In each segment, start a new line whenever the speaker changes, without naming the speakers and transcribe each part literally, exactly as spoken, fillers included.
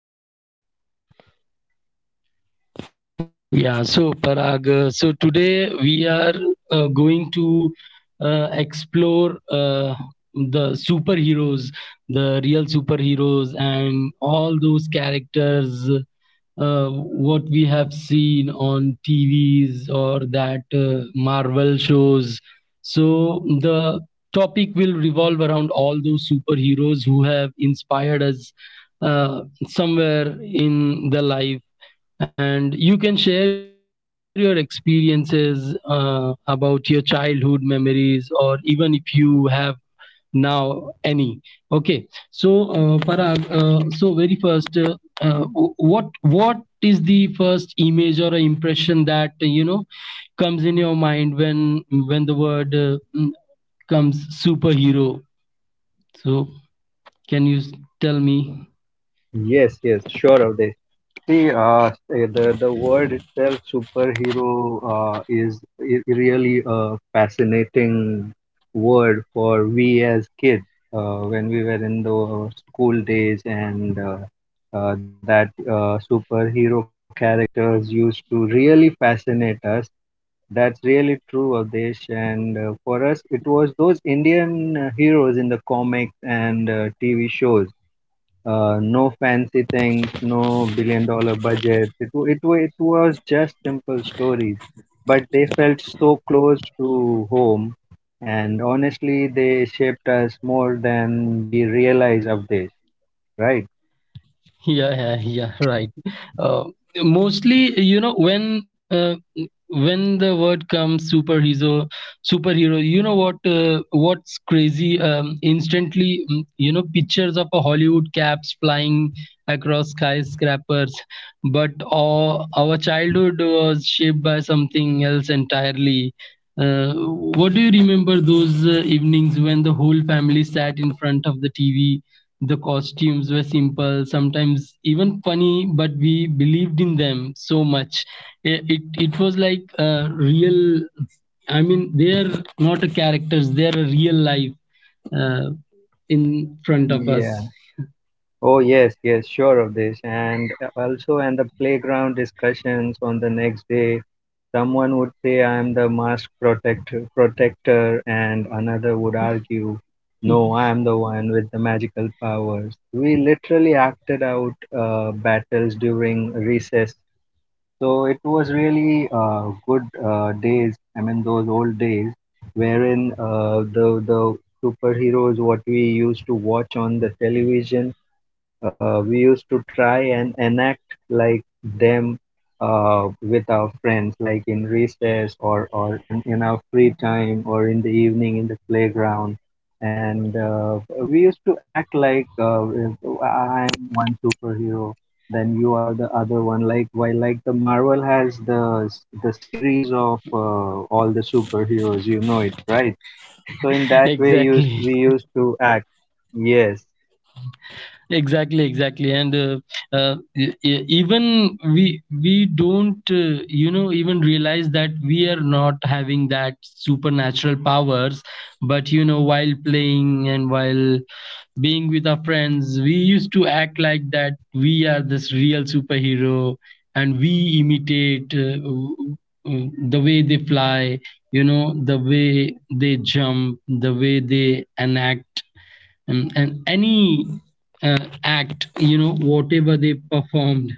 Thank you.
Yeah, so Parag, uh, so today we are uh, going to uh, explore uh, the superheroes, the real superheroes and all those characters uh, what we have seen on T Vs or that uh, Marvel shows. So the topic will revolve around all those superheroes who have inspired us uh, somewhere in the life. And you can share your experiences uh, about your childhood memories, or even if you have now any. Okay, so uh, parag, uh, so very first, uh, uh, w- what what is the first image or a impression that uh, you know comes in your mind when when the word, uh, mm, comes superhero, so can you s- tell me.
Yes, yes, sure, Avdesh. See, uh, eh, the the word itself, superhero, uh, is i- really a fascinating word for we as kids uh, when we were in the school days, and uh, uh, that uh, superhero characters used to really fascinate us. That's really true, Avdesh. And uh, for us, it was those Indian uh, heroes in the comics and uh, T V shows, uh, no fancy things, no billion dollar budgets. It, wa- it, wa- it was just simple stories, but they felt so close to home. And honestly, they shaped us more than we realize of this, right?
Yeah yeah yeah, right. uh, Mostly, you know, when uh, when the word comes superhero superhero you know, what uh, what's crazy, um, instantly mm, you know, pictures of a Hollywood caps flying across skyscrapers, but our, our childhood was shaped by something else entirely. Uh, what, do you remember those uh, evenings when the whole family sat in front of the TV? The costumes were simple, sometimes even funny, but we believed in them so much. It, it, it was like a real, I mean, they are not a characters, they are a real life uh, in front of us.
Yeah. Oh, yes, yes, sure of this. And uh, also, and the playground discussions on the next day. Someone would say, "I'm the mask protector, protector and another would argue, no, I'm the one with the magical powers." We literally acted out uh, battles during recess, so it was really uh, good uh, days. I mean, those old days wherein uh, the the superheroes what we used to watch on the television, uh, we used to try and enact like them uh, with our friends, like in recess or or in in our free time or in the evening in the playground. And uh, we used to act like, uh, I'm one superhero, then you are the other one. Like, why, like, the Marvel has the the series of uh, all the superheroes, you know it, right? So in that way, used
Exactly.
we used to act. Yes.
Exactly, exactly, and uh, uh, e- e- even we we don't, uh, you know, even realize that we are not having that supernatural powers, but you know, while playing and while being with our friends, we used to act like that we are this real superhero, and we imitate, uh, w- w- the way they fly, you know, the way they jump, the way they enact, um, and any uh, act, you know, whatever they performed,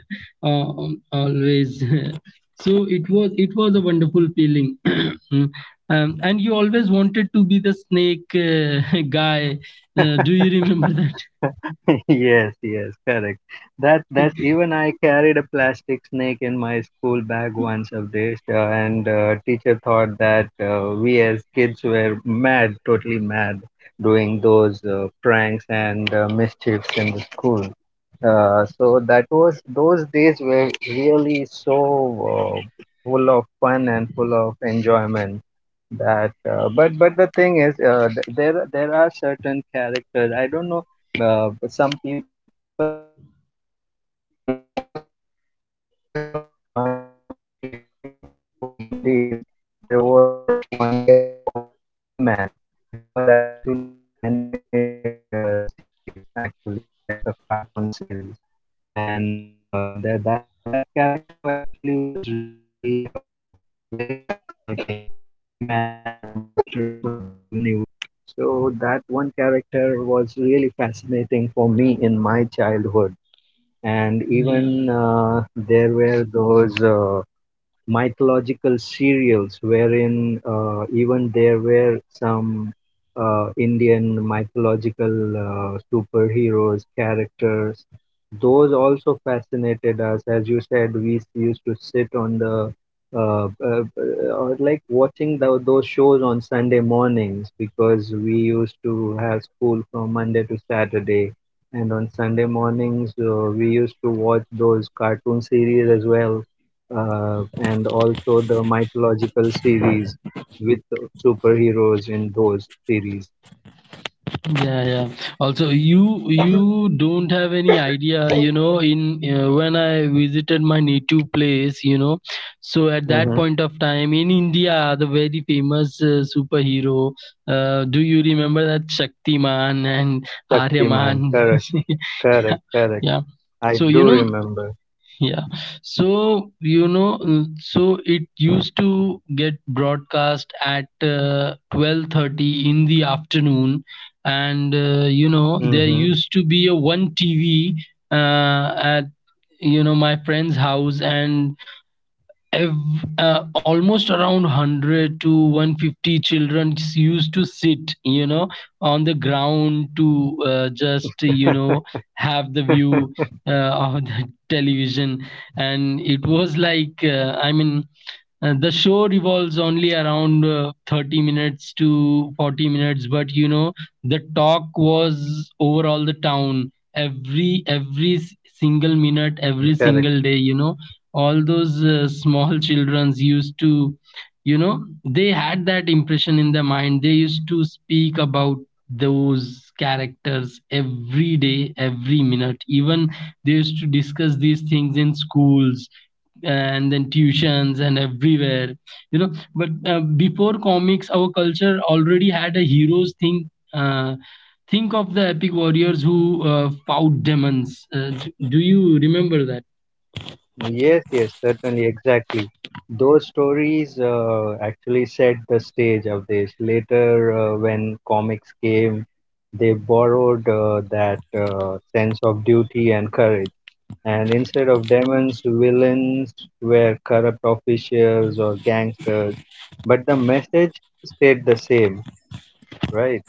uh, um, always. So it was, it was a wonderful feeling. Mm. Um, and you always wanted to be the snake uh, guy. Uh, do you remember that?
Yes, yes, correct. That that even I carried a plastic snake in my school bag once of this, uh, and uh, teacher thought that uh, we as kids were mad, totally mad, doing those uh, pranks and uh, mischiefs in the school. Uh, so that was, those days were really so uh, full of fun and full of enjoyment that uh, but but the thing is, uh, th- there there are certain characters I don't know, uh, some people may know this, there, before even the Marvel series, in very olden days there was this one character called as He-Man. It was actually a animated uh, series, actually like a cartoon series, and uh, that that that character actually was really uh, very fascinating. He-Man and the Masters of the Universe, so that one character was really fascinating for me in my childhood. And even uh, there
yeah
were those uh, mythological serials wherein uh, even there were some uh, Indian mythological uh, superheroes characters. Those also fascinated us. As you said, we s- used to sit on the uh, uh, uh, or like watching tho- those shows on Sunday mornings because we used to have school from Monday to Saturday. And on Sunday mornings, uh, we used to watch those cartoon series as well, uh, and also the mythological series with superheroes in those series.
yeah yeah. Also, you you don't have any idea, you know, in uh, when I visited my native place, you know, so at
Mm-hmm.
that point of time in India, the very famous uh, superhero, uh, do you remember that? Shaktiman and
Shaktiman,
Aryaman.
correct, correct, correct.
Yeah.
I
So, you
do
know,
remember.
yeah. So, you know, mm, so it used to get broadcast at uh, twelve thirty in the afternoon, and, uh, you know,
Mm-hmm.
there used to be a one T V uh, at, you know, my friend's house, and ev- uh, almost around one hundred to one hundred fifty children used to sit, you know, on the ground to uh, just, you know, have the view uh, of the television. And it was like, uh, I mean, uh, the show revolves only around uh, thirty minutes to forty minutes, but you know, the talk was over all the town, every every s- single
Correct.
minute, every single day, you know, all those uh, small childrens used to, you know, they had that impression in their mind. They used to speak about those characters every day, every minute. Even they used to discuss these things in schools and then tuitions and everywhere, you know. But uh, before comics, our culture already had a heroes thing. uh, think of the epic warriors who uh, fought demons. Uh, d- do you remember that?
Yes, yes, certainly, exactly. Those stories uh, actually set the stage of this. Later, uh, when comics came, they borrowed uh, that uh, sense of duty and courage. And instead of demons, villains were corrupt officials or gangsters. But the message stayed the same, right?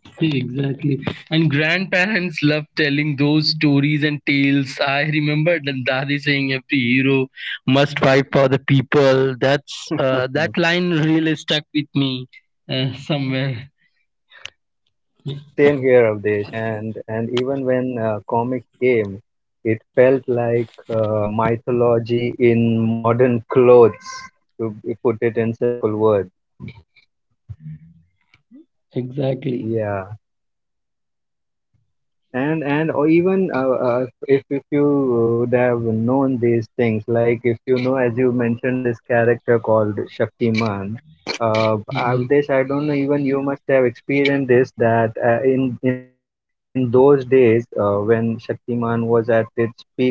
Exactly. And grandparents love telling those stories and tales. I remember the daddy saying every hero must fight for the people. That's uh, that
Same
line really stuck with me uh, somewhere.
here, Avdesh. And, and even when uh, comic came, it felt like uh, mythology in modern clothes, to be- put it in simple words.
Exactly.
Yeah. and and or even uh, uh, if if you would have known these things, like if you know, as you mentioned this character called Shaktiman, uh
Yes.
Avdesh, I don't know, even you must have experienced this, that uh, in in those days uh, when Shaktiman was at its peak, uh,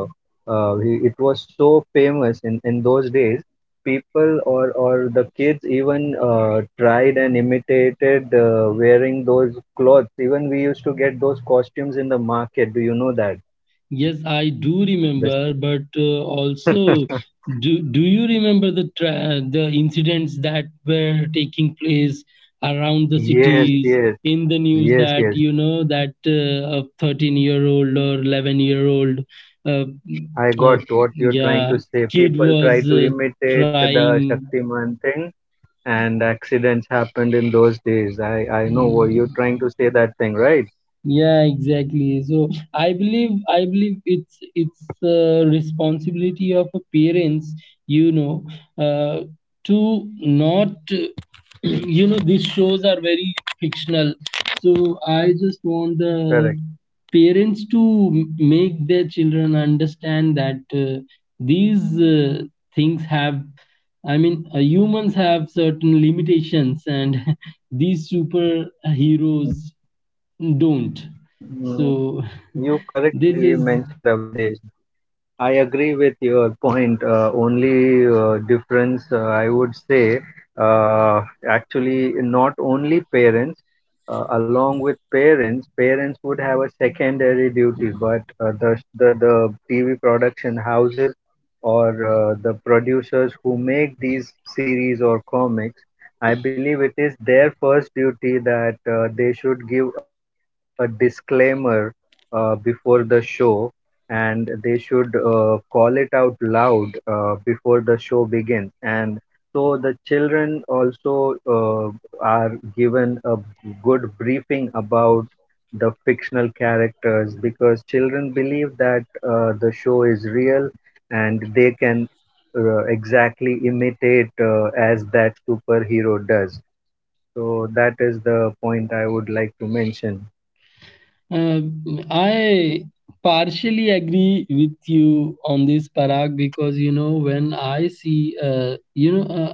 uh, he, it was so famous in in those days. People or or the kids even uh, tried and imitated uh, wearing those clothes. Even we used to get those costumes in the market. Do you know that?
Yes, I do
The
remember, but uh, also, do, do you remember the tra- the incidents that were taking place around the
Yes,
cities
yes,
in the news?
yes,
That,
yes.
you know, that uh, a thirteen year old or eleven year old, uh, mm,
I
uh,
got what you're trying
yeah,
to say.
kid
People try
was
to
uh,
imitate the
trying.
Shaktiman thing, and accidents happened in those days. I I know what you're trying to say, that thing, right?
Yeah, exactly. So I believe, I believe it's it's the responsibility of a parents, you know, uh, to not, you know, these shows are very fictional. So I just want the
Correct.
parents to m- make their children understand that uh, these uh, things have, I mean, uh, humans have certain limitations, and these
Mm,
superheroes don't.
mm.
So
You
this
correctly
is,
mentioned, Avdesh. I agree with your point. Uh, only uh, difference, uh, I would say, uh, actually, not only parents, uh, along with parents, parents would have a secondary duty, but uh, the, the the T V production houses or uh, the producers who make these series or comics, I believe it is their first duty that uh, they should give a disclaimer uh, before the show, and they should uh, call it out loud uh, before the show begins, and so the children also uh, are given a good briefing about the fictional characters, because children believe that uh, the show is real and they can uh, exactly imitate uh, as that superhero does. So that is the point I would like to mention.
uh, I partially agree with you on this, Parag, because, you know, when I see, uh, you know uh,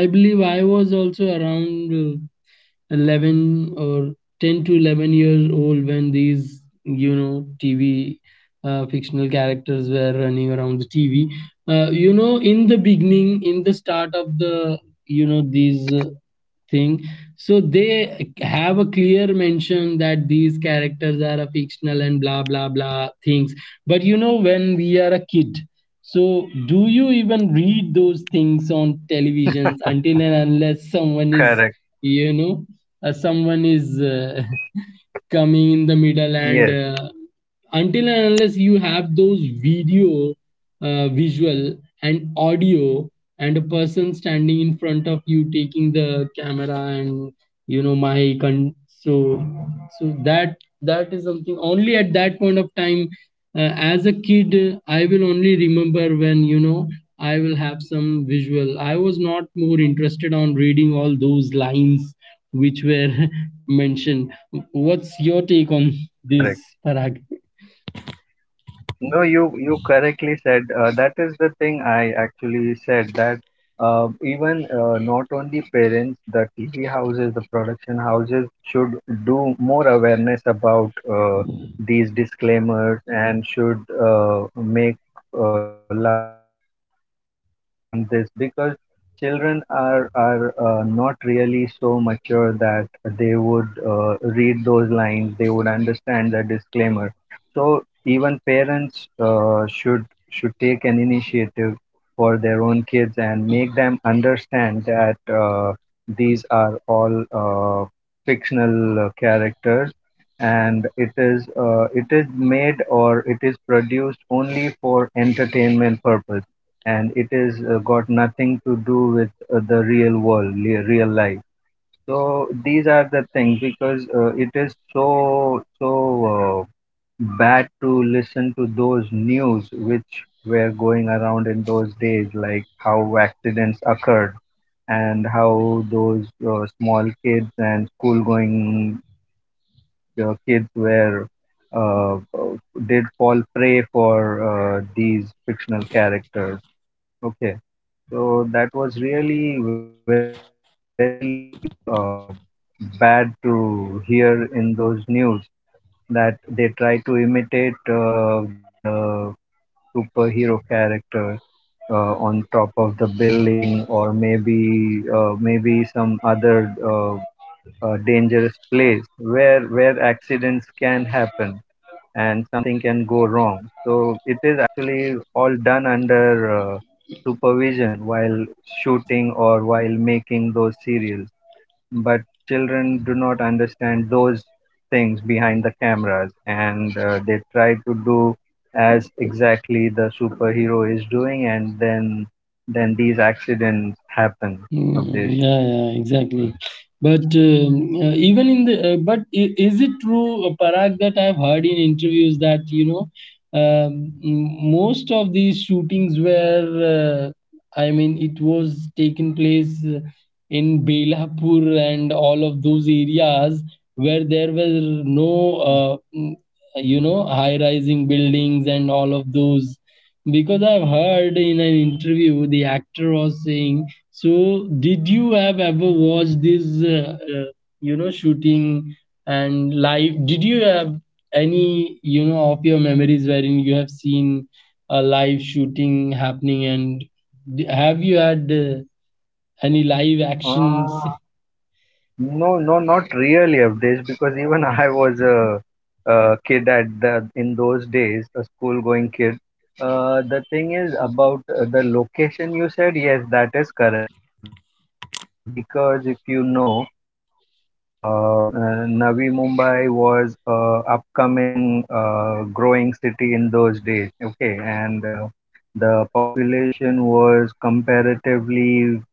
I believe I was also around uh, eleven or ten to eleven years old when these, you know, TV uh, fictional characters were running around the TV. Uh, you know, in the beginning, in the start of the, you know, these uh, thing, so they have a clear mention that these characters are a fictional and blah blah blah things. But you know, when we are a kid, so do you even read those things on televisions, until and unless someone is,
Correct.
you know, uh, someone is uh, coming in the middle and uh,
Yes,
until and unless you have those video, uh, visual and audio and a person standing in front of you taking the camera, and, you know, my con- so, so that, that is something only at that point of time, uh, as a kid, uh, I will only remember when, you know, I will have some visual. I was not more interested on reading all those lines which were mentioned. What's your
correct,
take on
correct.
this, Parag?
No, you you correctly said. Uh, that is the thing I actually said, that uh, even uh, not only parents, the T V houses, the production houses should do more awareness about uh, these disclaimers and should uh, make uh, loud call outs regarding this, because children are are uh, not really so mature that they would uh, read those lines, they would understand the disclaimer. So even parents uh, should should take an initiative for their own kids and make them understand that uh, these are all uh, fictional uh, characters, and it is uh, it is made or it is produced only for entertainment purpose, and it is uh, got nothing to do with uh, the real world, le- real life. So these are the things, because uh, it is so so uh, bad to listen to those news which were going around in those days, like how accidents occurred and how those uh, small kids and school going uh, kids were uh, uh, did fall prey for uh, these fictional characters. Okay, so that was really very uh, bad to hear in those news, that they try to imitate uh, the superhero character uh, on top of the building, or maybe uh, maybe some other uh, uh, dangerous place where where accidents can happen and something can go wrong. So it is actually all done under uh, supervision while shooting or while making those serials, but children do not understand those things behind the cameras, and uh, they try to do as exactly the superhero is doing, and then then these accidents happen
Hmm.
of this.
Yeah, yeah, exactly. But um, uh, even in the, uh, but i- is it true, uh, Parag, that I've heard in interviews that, you know, um, m- most of these shootings were, uh, I mean, it was taken place uh, in Belapur and all of those areas where there were no, uh, mm, you know, high-rising buildings and all of those. Because I've heard in an interview, the actor was saying, so, did you have ever watched this, uh, uh, you know, shooting and live? Did you have any, you know, of your memories wherein you have seen a live shooting happening? And d- have you had uh, any live actions?
No, no, not really, Avdesh, because even I was a, a kid at the in those days, a school-going kid. Uh, the thing is about uh, the location you said, yes, that is correct, because if you know, uh, uh, Navi Mumbai was a upcoming, uh, growing city in those days. Okay, and uh, the population was comparatively very low compared to Mumbai.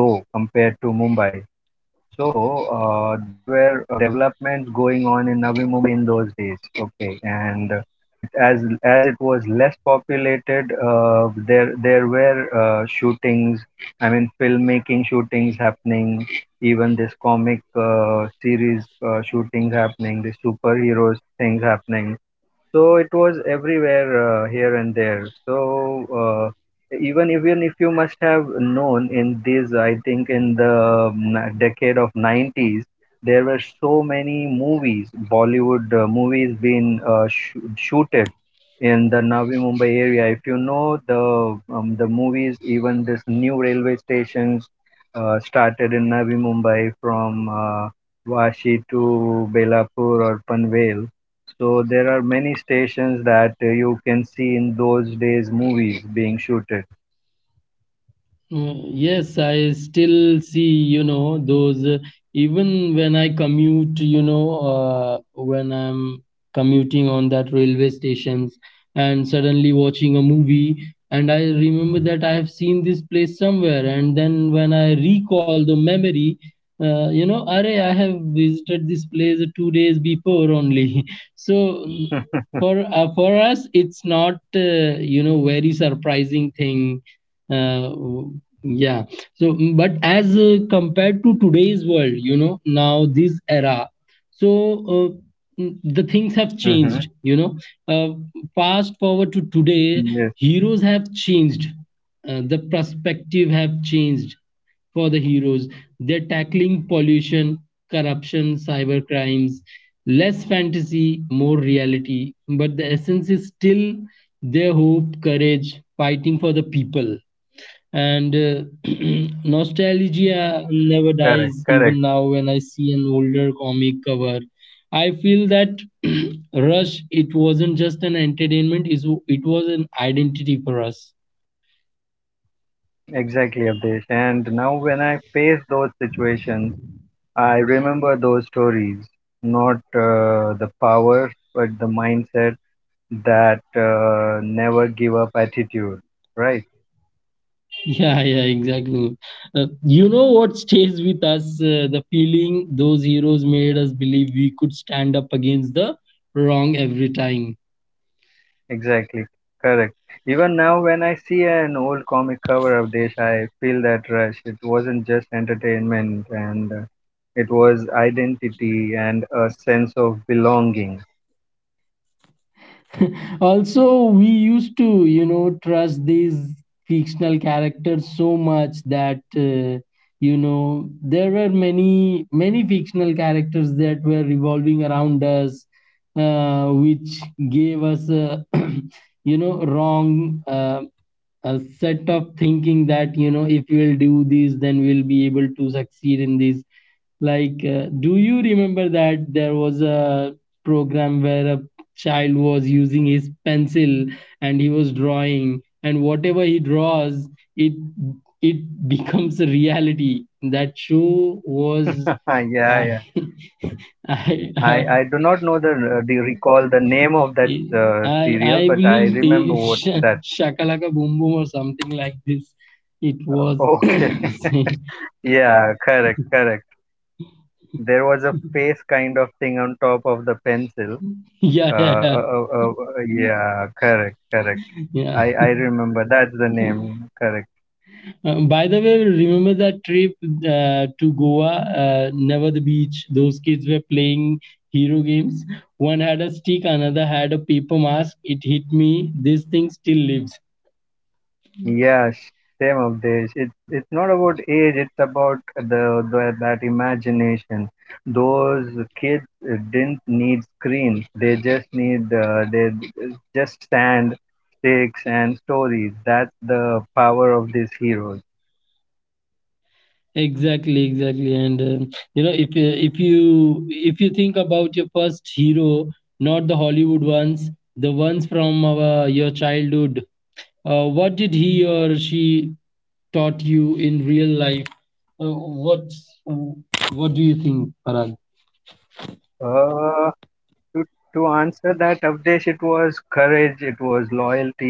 So uh, there were uh, developments going on in Navi Mumbai in those days. Okay, and uh, it as as it was less populated, uh, there there were uh, shootings. I mean, filmmaking shootings happening. Even this comic uh, series uh, shootings happening. The superheroes things happening. So it was everywhere, uh, here and there. So uh, even even if you must have known in this, I think in the n- decade of nineties, there were so many movies, Bollywood uh, movies being uh, sh- shooted in the Navi Mumbai area. If you know the um, the movies, even this new railway stations uh, started in Navi Mumbai from uh, Vashi to Belapur or Panvel. So there are many stations that uh, you can see in those days movies being shooted.
Mm, Yes, I still see, you know, those, uh, even when I commute, you know, uh, when I'm commuting on that railway stations and suddenly watching a movie, and I remember that I have seen this place somewhere, and then when I recall the memory, uh, you know, array, I have visited this place two days before only. So, mm, for uh, for us, it's not, uh, you know, very surprising thing. uh, yeah. So, mm, but as uh, compared to today's world, you know, now this era, so uh, mm, the
Hmm.
things have changed, you know. Uh, Fast forward to
Yes,
today, heroes have changed. Uh, the perspective have changed for the heroes. They're tackling pollution, corruption, cyber crimes, less fantasy, more reality. But the essence is still their hope, courage, fighting for the people. And uh, nostalgia
correct,
never
correct,
dies, even now when I see an older comic cover. I feel that rush. It wasn't just an entertainment, is it was an identity for us.
exactly, Abdesh. And now when I face those situations, I remember those stories, not uh, the power, but the mindset, that uh, never give up attitude. Right,
Yeah, yeah, exactly. Uh, you know what stays with us? Uh, the feeling those heroes made us believe we could stand up against the wrong every time.
exactly, correct. Even now, when I see an old comic cover of Desh, I feel that rush. It wasn't just entertainment, and uh, it was identity and a sense of belonging.
Also, we used to, you know, trust these fictional characters so much that, uh, you know, there were many, many fictional characters that were revolving around us, uh, which gave us a you know, wrong, uh, a set of thinking that, you know, if we'll do this, then we'll be able to succeed in this. Like, uh, do you remember that there was a program where a child was using his pencil, and he was drawing, and whatever he draws, it it becomes a reality? That show was
Yeah, yeah.
i
I, I do
i
not know the,
i
uh, the recall the name of that uh, serial, but
i,
I
I
remember
believe,
what
in
that.
Sh- Shakalaka Boom Boom or something like this. It was
Okay.
yeah
Yeah, correct, correct. There was a face kind of thing on top of the pencil. Uh,
yeah yeah,
uh, uh, uh, uh, yeah, correct, correct.
yeah.
I, I remember. That's the name. Correct.
Uh, by the way, remember that trip uh, to Goa, uh, never the beach? Those kids were playing hero games. One had a stick, another had a paper mask. It hit me. This thing still lives.
Yeah, sh- same of this. It's it's not about age. It's about the, the that imagination. Those kids uh, didn't need screens. They just need uh, they just sand, sticks, and stories. That's the power of these heroes.
Exactly, exactly. And um you know, if you- if you, if you think about your first hero, not the Hollywood ones, the ones from our your childhood, Uh, what did he or she taught you in real life? Uh, what's, what do you think, Parag?
Uh, to to answer that, Avdesh, it was courage, it was loyalty,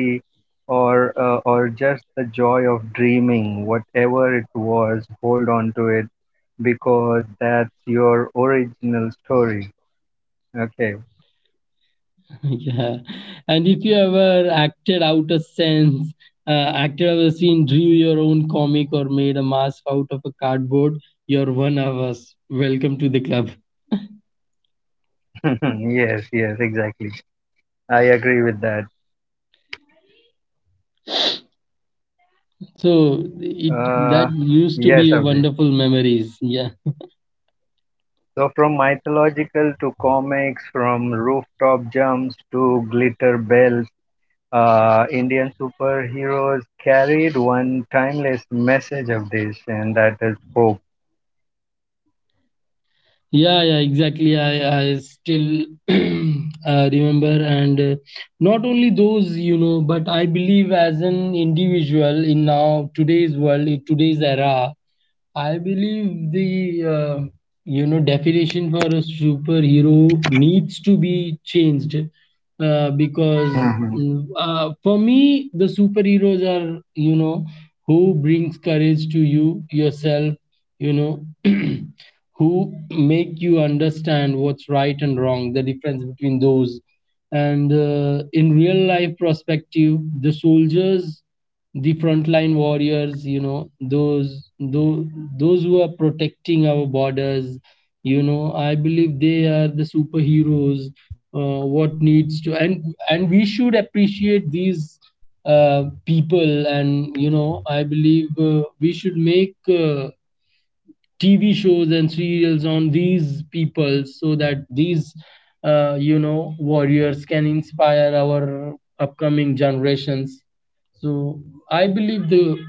or uh, or just the joy of dreaming, whatever it was, hold on to it because that's your original story. Okay.
Yeah. And if you ever acted out a sense, uh, acted out a scene, drew your own comic, or made a mask out of a cardboard, you're one of us. Welcome to the club.
Yes, yes, exactly. I agree with that.
So it that
Uh,
used to be
yes,
a
Avdesh.
wonderful memories. Yeah.
So from mythological to comics, from rooftop jumps to glitter bells uh, Indian superheroes carried one timeless message of this, and that is hope.
Yeah, yeah, exactly. I, I still uh, remember, and uh, not only those, you know, but I believe as an individual in now today's world, in today's era, I believe the uh, you know definition for a superhero needs to be changed uh, because mm,
Mhm.
uh, for me the superheroes are, you know, who brings courage to you yourself, you know. Who make you understand what's right and wrong, the difference between those. And uh, in real life perspective, the soldiers, the frontline warriors, you know, those those those who are protecting our borders, you know, I believe they are the superheroes. Uh, what needs to and and we should appreciate these uh, people, and you know I believe uh, we should make uh, T V shows and serials on these people so that these, uh, you know, warriors can inspire our upcoming generations. So I believe the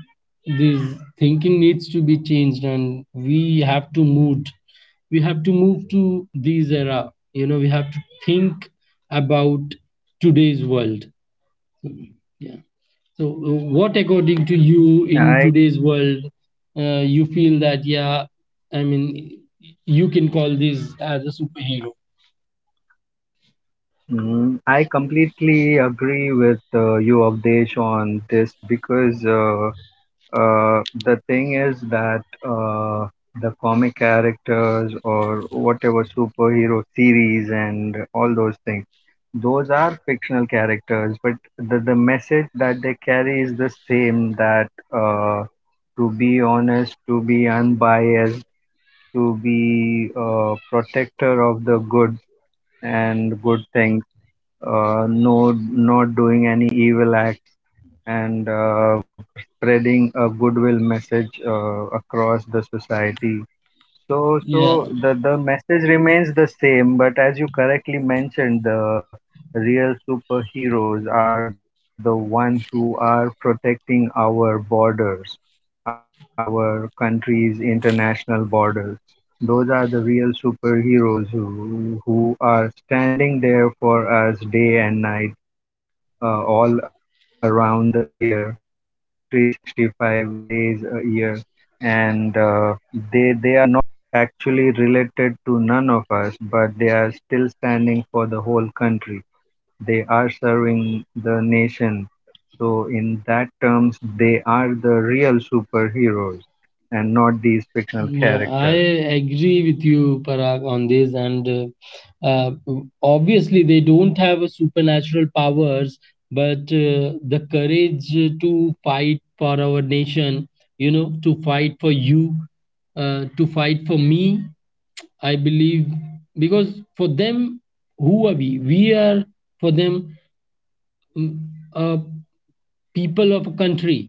this thinking needs to be changed, and we have to move. We have to move to this era. You know, we have to think about today's world. Mhm. Yeah. So, uh, what according to you
I
in today's world, uh, you feel that, yeah, I mean, you can call this as a superhero.
mm, I completely agree with uh, you, Avdesh, on this because uh, uh, the thing is that uh, the comic characters or whatever superhero series and all those things, those are fictional characters, but the, the message that they carry is the same that. Uh, to be honest, to be unbiased, to be a protector of the good and good things, uh, no, not doing any evil acts, and uh, spreading a goodwill message uh, across the society. So,
Yeah,
so the, the message remains the same, but as you correctly mentioned, the real superheroes are the ones who are protecting our borders, our country's international borders. Those are the real superheroes who, who are standing there for us day and night, uh, all around the year, three hundred sixty-five days a year. And uh, they, they are not actually related to none of us, but they are still standing for the whole country. They are serving the nation. So, in that terms, they are the real superheroes and not these fictional characters.
yeah, I agree with you, Parag, on this. And uh, uh, obviously, they don't have a supernatural powers, but uh, the courage to fight for our nation, you know, to fight for you, uh, to fight for me, I believe, because for them, who are we? We are, for them, mm, uh, people of a country,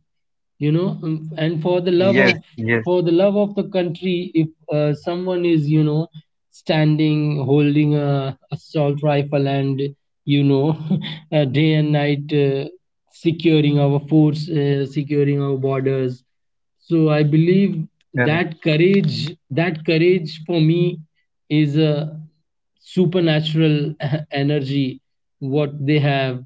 you know, um, and for
Yes,
the love of,
yes,
for the love of the country, if uh, someone is, you know, standing holding a assault rifle and, you know, uh, day and night, uh, securing our forts, uh, securing our borders, so I believe
correct.
that courage that courage for me is a supernatural energy what they have.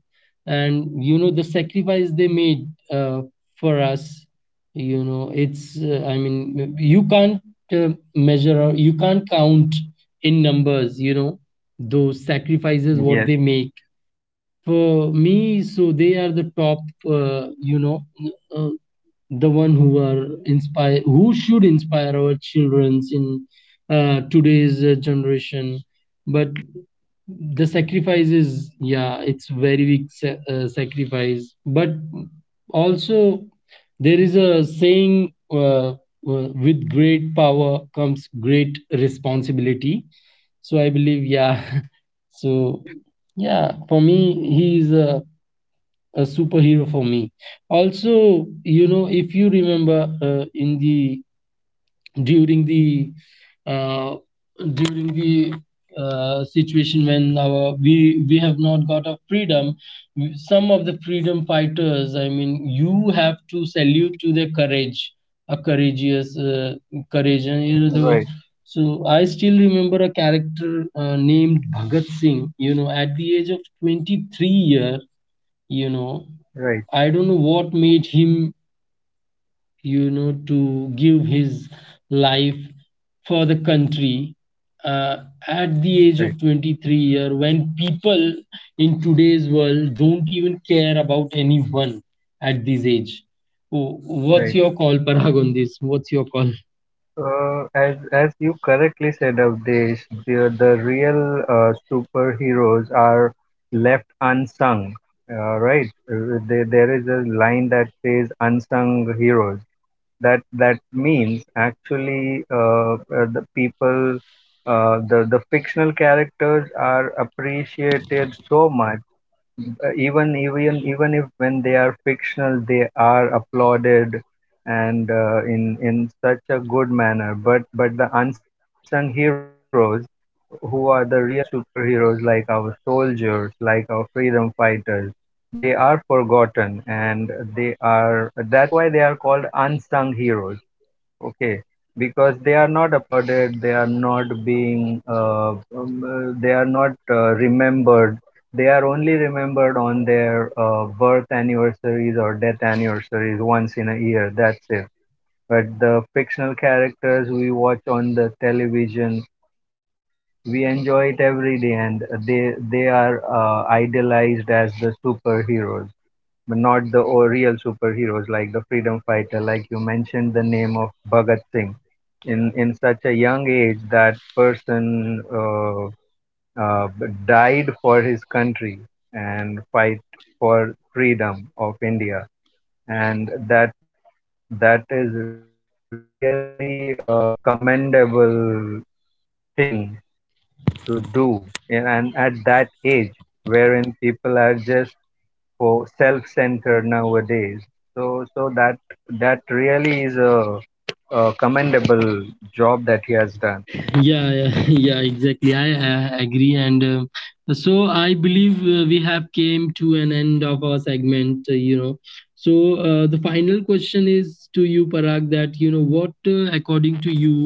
And you know the sacrifice they made uh, for us, you know, it's uh, I mean you can't uh, measure or you can't count in numbers, you know, those sacrifices
Yes,
what they make for me. So they are the top, uh, you know uh, the one who are inspire, who should inspire our childrens in uh, today's uh, generation. But the sacrifices, yeah, it's very big sa- uh, sacrifice, but also there is a saying, uh, uh, with great power comes great responsibility. So I believe, yeah.
correct.
So, yeah, for me he is a a superhero for me. Also, you know, if you remember uh, in the during the uh, during the uh, situation when our we we have not got our freedom, some of the freedom fighters. I mean, you have to salute to their courage, a courageous uh,
Right,
courage, and you know the. So I still remember a character uh, named Bhagat Singh. You know, at the age of twenty three year, you know,
right,
I don't know what made him, you know, to give his life for the country, uh, at the
right,
age of twenty three year, when people in today's world don't even care about anyone at this age. Wh- what's
right.
your call, Parag, on this? What's your call?
Uh, as as you correctly said, Avdesh, the the real uh, superheroes are left unsung, uh, right? Uh, There, there is a line that says unsung heroes. That that means actually uh, uh, the people, uh, the the fictional characters are appreciated so much uh, even even even if when they are fictional they are applauded and uh, in in such a good manner but but the unsung heroes who are the real superheroes like our soldiers like our freedom fighters they are forgotten and they are that's why they are called unsung heroes. Okay, because they are not applauded, they are not being, uh, um, uh, they are not uh, remembered. They are only remembered on their uh, birth anniversaries or death anniversaries once in a year. That's it. But the fictional characters we watch on the television, we enjoy it every day, and they they are uh, idealized as the superheroes, but not the or real superheroes like the freedom fighter, like you mentioned the name of Bhagat Singh in in such a young age that person uh, uh, died for his country and fight for freedom of India and that that is really a commendable thing to do. Yeah, and at that age wherein people are just for self-centered nowadays so so that that really is a, a commendable job that he has done.
Yeah, yeah, yeah, exactly. I, uh agree, and um so I believe uh, we have came to an end of our segment. Uh, you know, so uh, the final question is to you, Parag. That you know, what uh, according to you,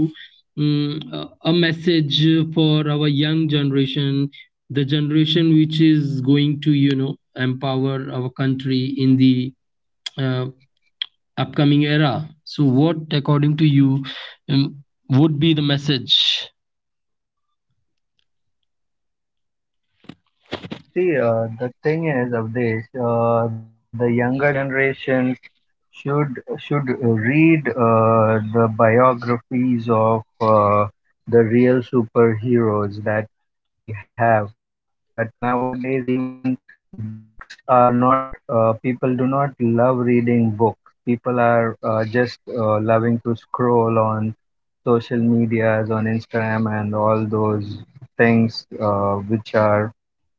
um, a a message for our young generation, the generation which is going to, you know, empower our country in the uh, upcoming era. So, what according to you um, would be the message?
Uh, See, uh, the thing is, Avdesh, uh, the younger generations should should read uh, the biographies of uh, the real superheroes that we have. But nowadays, even books are not. Uh, people do not love reading books. People are uh, just uh, loving to scroll on social medias, on Instagram, and all those things uh, which are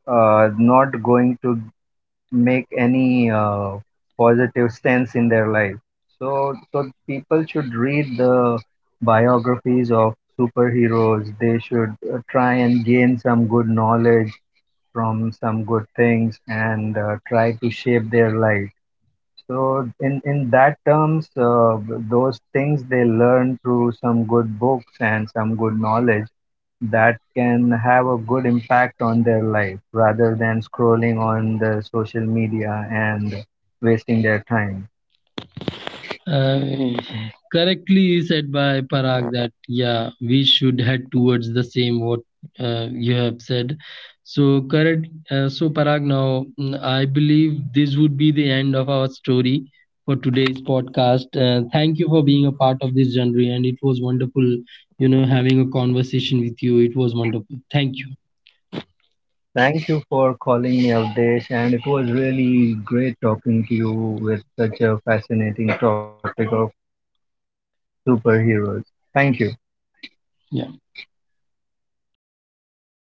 uh, not going to make any uh, positive stance in their life. So, so people should read the biographies of superheroes. They should uh, try and gain some good knowledge from some good things and uh, try to shape their life. So, in in that terms, uh, those things they learn through some good books and some good knowledge that can have a good impact on their life rather than scrolling on the social media and wasting their time.
Uh, Correctly said by Parag that, yeah, we should head towards the same what uh, you have said. So correct. Uh, so Parag, now mm, I believe this would be the end of our story for today's podcast. Uh, thank you for being a part of this journey, and it was wonderful. You know, having a conversation with you, it was wonderful. Thank you.
Thank you for calling me out, Desh, and it was really great talking to you with such a fascinating topic of superheroes. Thank you.
Yeah.